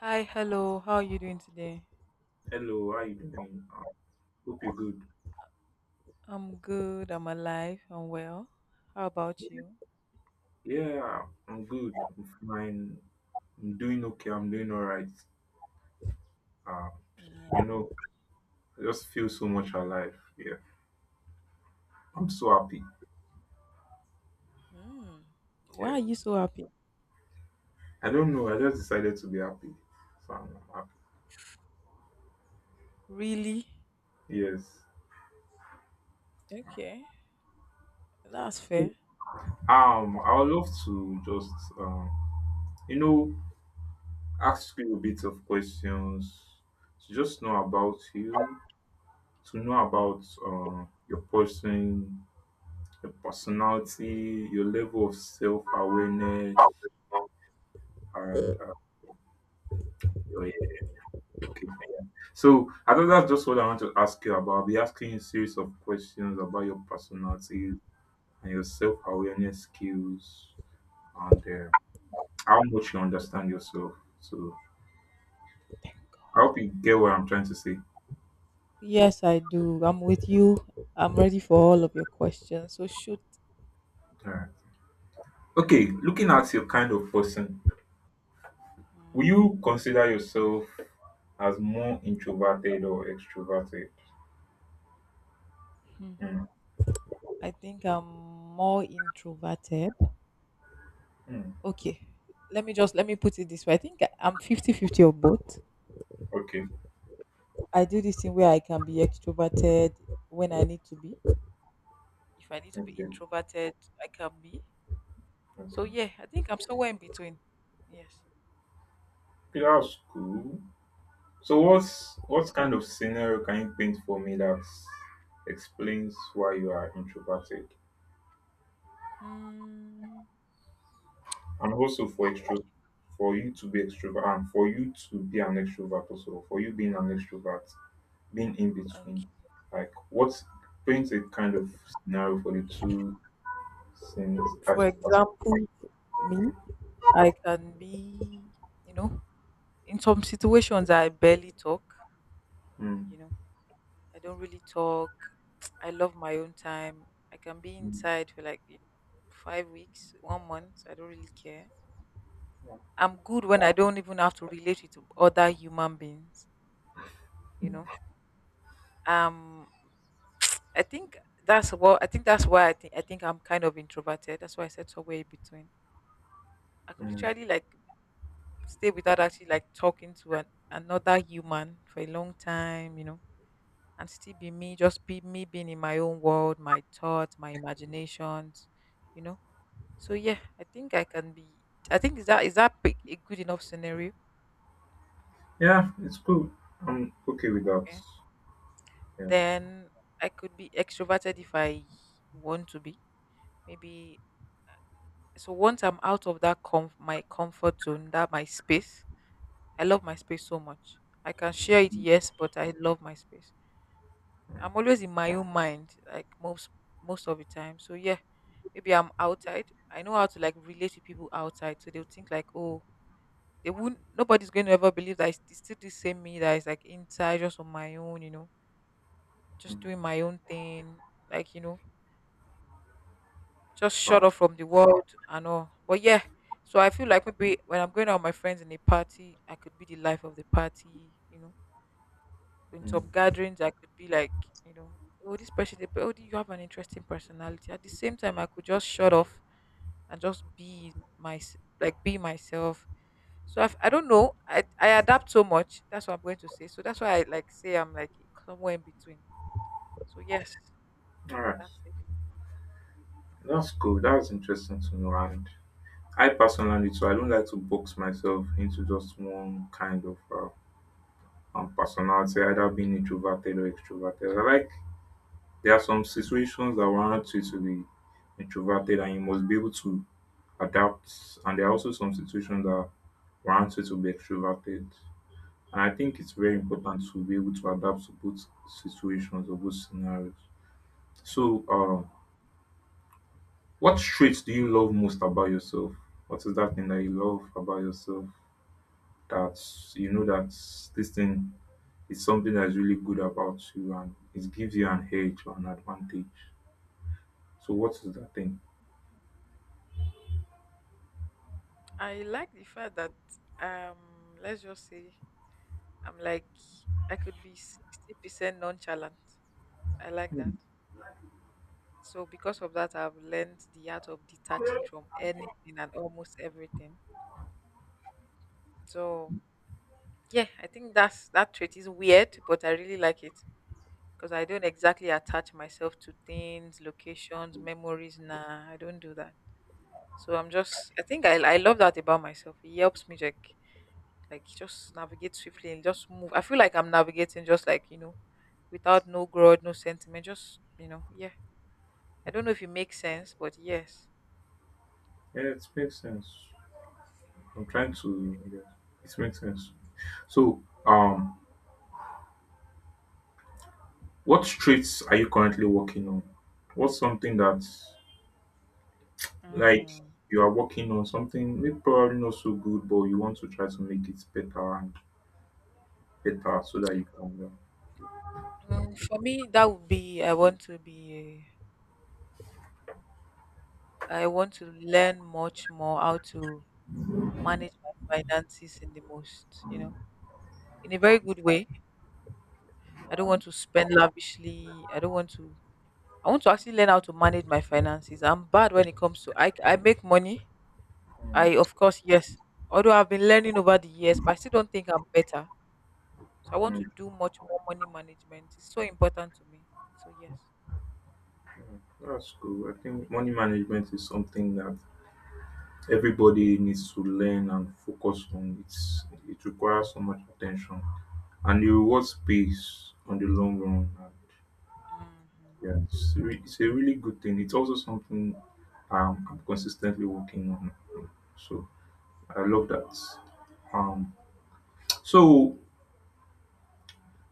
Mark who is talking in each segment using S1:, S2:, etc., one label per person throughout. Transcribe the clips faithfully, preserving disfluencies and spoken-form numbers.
S1: Hi, hello. How are you doing today?
S2: Hello, how you doing? Uh, Hope you're good.
S1: I'm good. I'm alive. I'm well. How about you?
S2: Yeah, I'm good. I'm fine. I'm doing okay. I'm doing all right. Uh,
S1: Yeah.
S2: you know, I just feel so much alive. Yeah, I'm so happy.
S1: Mm. Why
S2: Yeah,
S1: are you so happy?
S2: I don't know. I just decided to be happy, so I'm happy.
S1: Really?
S2: Yes.
S1: Okay. That's
S2: So,
S1: fair.
S2: Um, I would love to just um, you know, ask you a bit of questions to just know about you, to know about uh, your person, your personality, your level of self awareness, and uh, your yeah. Okay. So I think that's just what I want to ask you about. I'll be asking you a series of questions about your personality and your self awareness skills and uh, how much you understand yourself. So I hope you get what I'm trying to say.
S1: Yes, I do. I'm with you. I'm ready for all of your questions. So shoot.
S2: All right. Okay. Looking at your kind of person, will you
S1: Mhm.
S2: consider yourself as more introverted or extroverted?
S1: Hmm.
S2: Mm.
S1: I think I'm more introverted.
S2: Mm.
S1: Okay. Let me just let me put it this way. I think I- I'm fifty-fifty fifty of both.
S2: Okay.
S1: I do this thing where I can be extroverted when I need to be if I need to be
S2: Okay.
S1: introverted, I can be. So
S2: Okay.
S1: yeah, I think I'm somewhere in between. Yes.
S2: Okay, that's cool. So what's what kind of scenario can you paint for me that explains why you are introverted?
S1: Mm,
S2: And also for extro for you to be extrovert and for you to be an extrovert also, for you being an extrovert, being in between.
S1: okay.
S2: Like what paint a kind of scenario for the two things at
S1: For
S2: at-
S1: example, me, I can be, you know, in some situations I barely talk.
S2: Mm,
S1: You know, I don't really talk. I love my own time. I can be
S2: mm,
S1: inside for like five weeks, one month. I don't really care. I'm good when I don't even have to relate with other human beings. You know Um, I think that's what I think that's why I think I think I'm kind of introverted. That's why I said somewhere in between. I could
S2: mm.
S1: literally like stay without actually like talking to an, another human for a long time, you know, and still be me, just be me being in my own world, my thoughts, my imaginations, you know. So yeah, I think I can be. I think is that is that big- a good enough scenario?
S2: Yeah, it's cool. I'm okay with that.
S1: Okay.
S2: Yeah.
S1: Then I could be extroverted if I want to be. Maybe So once I'm out of that comf- my comfort zone, that my space, I love my space so much. I can share it, yes, but I love my space. I'm always in my own mind, like most most of the time. So yeah, maybe I'm outside. I know how to like relate to people outside, so they'll think like, oh, they wouldn't. Nobody's going to ever believe that it's it's still the same me that is like inside, just on my own, you know, just
S2: Mm.
S1: doing my own thing, like you know just shut
S2: Wow.
S1: off from the world and all. But yeah, so I feel like maybe when I'm going out with my friends in a party, I could be the life of the party, you know. In some
S2: Mm.
S1: gatherings, I could be like, you know, oh, this person, they- oh, you have an interesting personality. At the same time, I could just shut off and just be my, like, be myself. So I've, I don't know. I, I adapt so much. That's what I'm going to say. So that's why I like say I'm like somewhere in between. So yes,
S2: All right.
S1: that's it.
S2: That's cool. That's interesting to know. And I personally too, I don't like to box myself into just one kind of uh, um, personality, either being introverted or extroverted. I like there are some situations that warrant you to be introverted and you must be able to adapt. And there are also some situations that warrant you to be extroverted. And I think it's very important to be able to adapt to both situations or both scenarios. So, um,
S1: Mm-hmm.
S2: What traits do you love most about yourself? What is that thing that you love about yourself that you know that this thing is something that's really good about you and it gives you an edge or an advantage? So, what is that thing?
S1: I like the fact that um let's just say I'm like I could be sixty percent nonchalant. I like that. So because of that I've learned the art of detaching from anything and almost everything. So yeah, I think that's that trait is weird, but I really like it. Because I don't exactly attach myself to things, locations, memories. Nah, I don't do that. So I'm just I think I I love that about myself. It helps me like like just navigate swiftly and just move. I feel like I'm navigating just like you know, without no grudge, no sentiment, just you know, yeah. I don't know if it makes sense, but yes.
S2: Yeah, it makes sense. I'm trying to, yeah, it makes sense. So, um, what traits are you currently working on? What's something that, like,
S1: Mm.
S2: you are working on something maybe probably not so good, but you want to try to make it better and better so that you can learn?
S1: Mm, for me, that would be I want to be I want to learn much more how to manage my finances in the most, you know, in a very good way. I don't want to spend lavishly. I don't want to. I want to actually learn how to manage my finances. I'm bad when it comes to I. I make money, I, of course, yes. Although I've been learning over the years, but I still don't think I'm better. So I want
S2: Mm,
S1: to do much more money management. It's so important to me. So yes.
S2: that's cool. I think money management is something that everybody needs to learn and focus on. It's it requires so much attention, and the rewards pays on the long run. And
S1: Mhm.
S2: yeah, it's, re- it's a really good thing. It's also something um, I'm consistently working on. So I love that. Um, so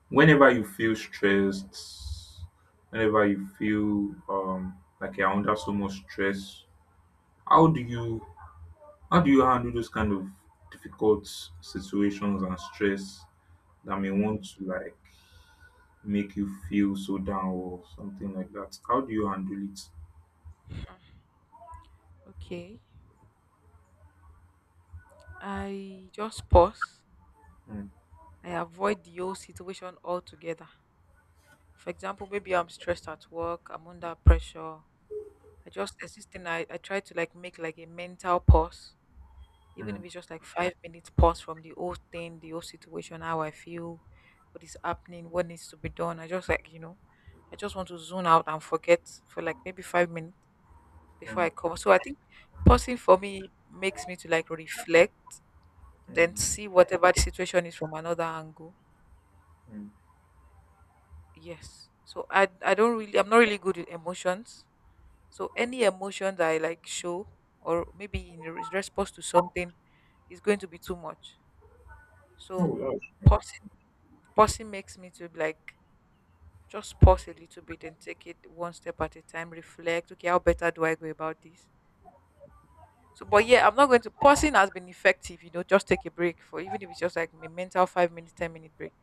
S2: whenever you feel stressed, whenever you feel um, like you're under so much stress, how do you How do you handle those kind of difficult situations and stress that may want
S1: Mm.
S2: to like make you feel so down or something like that? How do you handle it?
S1: Okay. I just pause.
S2: Mm,
S1: I avoid the whole situation altogether. For example, maybe I'm stressed at work. I'm under pressure. I just there's this thing, I I try to like make like a mental pause even if
S2: mm,
S1: it's just like five minutes pause from the whole thing, the whole situation, how I feel, what is happening, what needs to be done. I just like, you know, I just want to zone out and forget for like maybe five minutes before
S2: mm,
S1: I come. So I think pausing for me makes me to like reflect, then
S2: mm,
S1: see whatever the situation is from another angle.
S2: mm.
S1: Yes. So I I don't really I'm not really good with emotions. So any emotion that I like show or maybe in re- response to something is going to be too much. So
S2: Oh, that's
S1: pausing Pausing makes me to like just pause a little bit and take it one step at a time, reflect, okay, how better do I go about this? So, but yeah, I'm not going to. Pausing has been effective, you know, just take a break for even if it's just like a mental five minute, ten minute break.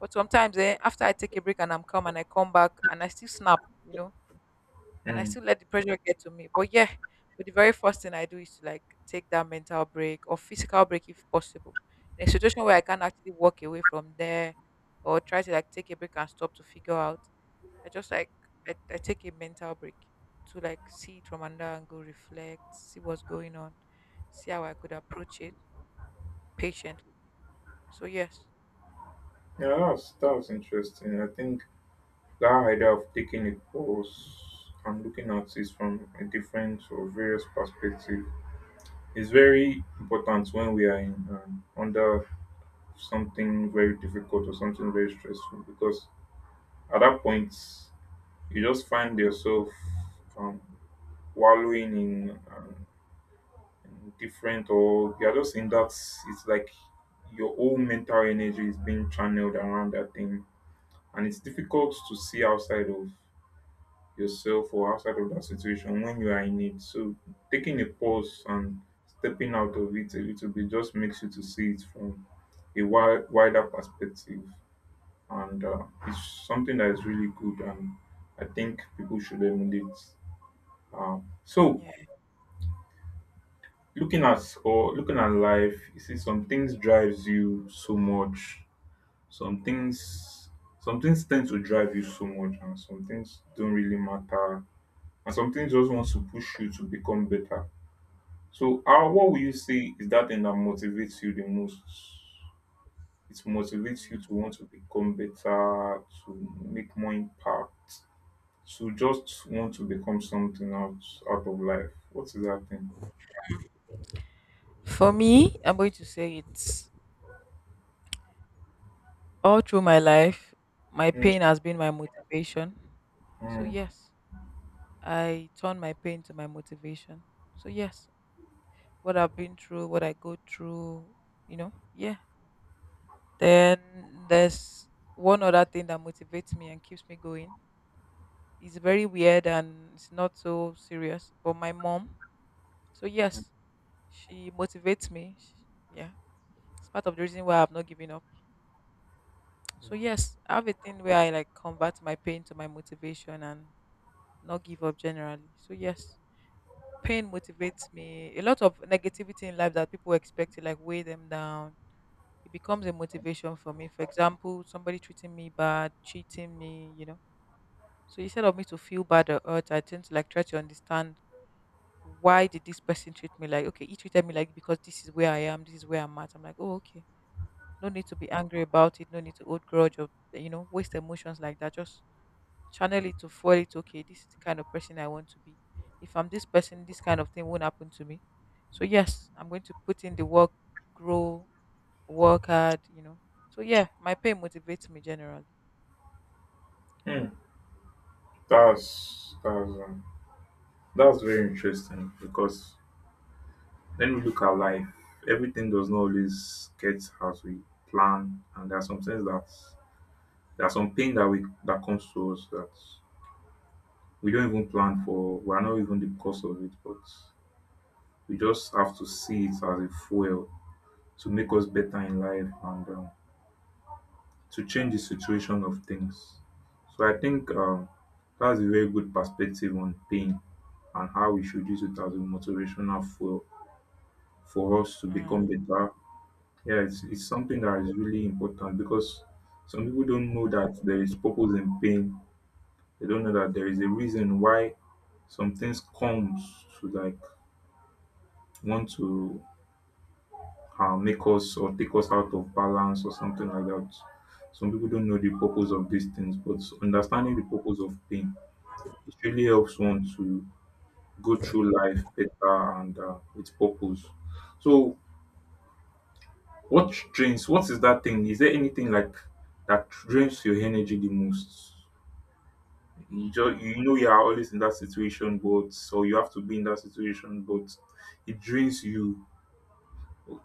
S1: But sometimes eh, after I take a break and I'm calm and I come back and I still snap, you know, and I
S2: Mm.
S1: still let the pressure get to me. But yeah, but the very first thing I do is to like take that mental break or physical break if possible. In a situation where I can't actually walk away from there or try to like take a break and stop to figure out, I just like I, I take a mental break to like see it from another angle, reflect, see what's going on, see how I could approach it patiently. So yes,
S2: Yeah, that's that's interesting. I think that idea of taking a pause and looking at it from a different or various perspective is very important when we are in um, under something very difficult or something very stressful because at that point, you just find yourself um, wallowing in, um, in different, or you're just in that. It's like your whole mental energy is being channeled around that thing, and it's difficult to see outside of yourself or outside of that situation when you are in it. So taking a pause and stepping out of it a little bit just makes you to see it from a wi- wider perspective. And uh, it's something that is really good and I think people should emulate. um, so
S1: yeah,
S2: looking at or looking at life, you see some things drives you so much, some things, some things tend to drive you so much, and some things don't really matter, and some things just wants to push you to become better. So uh, what will you
S1: yeah.
S2: say is that thing that motivates you the most? It motivates you to
S1: Hmm.
S2: want to become better, to make more impact, to just want to become something out out of life. What is that thing?
S1: For me, I'm going to say it's All through my life, my
S2: Mm.
S1: pain has been my motivation. So,
S2: Mm.
S1: yes, I turn my pain to my motivation. So, yes, what I've been through, what I go through, you know, yeah. Then there's one other thing that motivates me and keeps me going. It's very weird and it's not so serious, but my mom. So, yes, she motivates me. She, yeah. It's part of the reason why I've not given up. So, yes, I have a thing where I like convert my pain to my motivation and not give up generally. So yes, pain motivates me. A lot of negativity in life that people expect to like weigh them down. It becomes a motivation for me. For example, somebody treating me bad, cheating me, you know. So instead of me to feel bad or hurt, I tend to like try to understand why did this person treat me like okay, he treated me like because this is where I am, this is where I'm at. I'm like, oh okay. No need to be angry about it, no need to hold grudge or you know, waste emotions like that. Just channel it to fuel it. Okay, this is the kind of person I want to be. If I'm this person, this kind of thing won't happen to me. So yes, I'm going to put in the work, grow, work hard. You know. So yeah, my pay motivates me generally.
S2: Mm. That's that's um, that's very interesting because when we look at life, everything does not always get as we plan, and there are some things that there are some pain that we that comes to us that we don't even plan for. We are not even the cause of it, but we just have to see it as a fuel to make us better in life, and um, to change the situation of things. So I think um, that's a very good perspective on pain and how we should use it as a motivational fuel for us to become
S1: Mm.
S2: better. Yeah, it's, it's something that is really important because some people don't know that there is purpose in pain. They don't know that there is a reason why some things comes to like want to uh, make us or take us out of balance or something like that. Some people don't know the purpose of these things, but understanding the purpose of pain, it really helps one to go through life better and uh, with purpose. So, what drains? What is that thing? Is there anything like that drains your energy the most? You just
S1: Hmm.
S2: you know you are always in that situation, but so you have to be in that situation, but it drains you.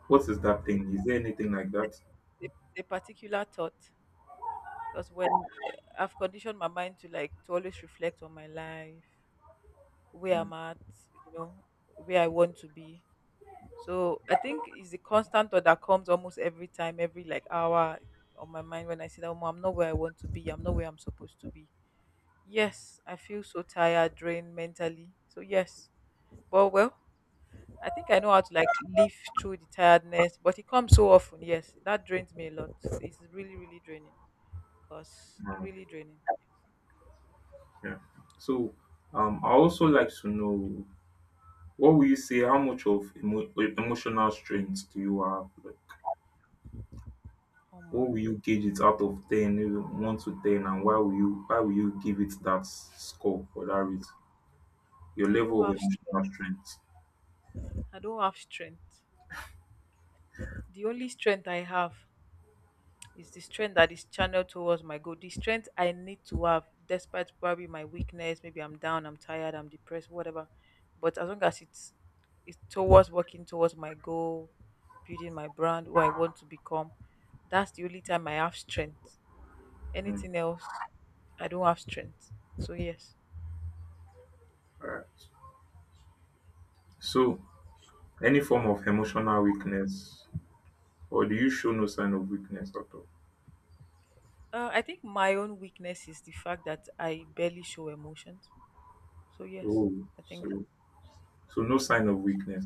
S2: What is that thing? Is there anything like that?
S1: A, a particular thought, because when I've conditioned my mind to like to always reflect on my life, where
S2: Mm,
S1: I'm at, you know, where I want to be. So I think it's the constant thought that comes almost every time, every like hour on my mind when I see that, "Omo, I'm not where I want to be, I'm not where I'm supposed to be." Yes, I feel so tired, drained mentally. So yes. But well, I think I know how to like live through the tiredness, but it comes so often. Yes, that drains me a lot. It's really, really draining. Cause
S2: uh,
S1: really draining.
S2: yeah. So, um, I also like to know, what will you say? How much of emo- emotional strength do you have? What
S1: Oh.
S2: will you gauge it out of ten, maybe one to ten, and why will you why will you give it that score or that rate? Your
S1: I don't
S2: level of
S1: have strength.
S2: emotional strength.
S1: I don't have strength. The only strength I have. It's the strength that is channeled towards my goal. The strength I need to have, despite probably my weakness, maybe I'm down, I'm tired, I'm depressed, whatever. But as long as it's it's towards working towards my goal, building my brand, who I want to become, that's the only time I have strength.
S2: Mm,
S1: Anything else, I don't have strength. So yes,
S2: all right. So, any form of emotional weakness, or do you show no sign of weakness at all?
S1: uh, I think my own weakness is the fact that I barely show emotions. So yes,
S2: Oh,
S1: I think.
S2: so so no sign of weakness.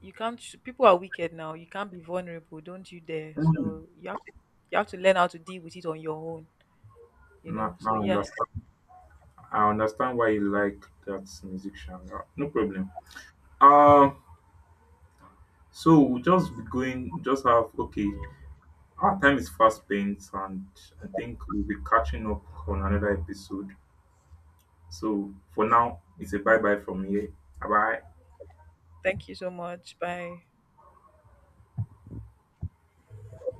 S1: You can't. People are wicked now. You can't be vulnerable. Don't you dare.
S2: Mm.
S1: So you have to you have to learn how to deal with it on your own, you
S2: Now,
S1: know so
S2: now I
S1: yes,
S2: understand. I understand why you like that musician. Uh, No problem. Um, so we'll just be going. Just have okay. Our time is fast spent, and I think we'll be catching up on another episode. So for now, it's a bye bye from here. Bye bye.
S1: thank you so much. Bye.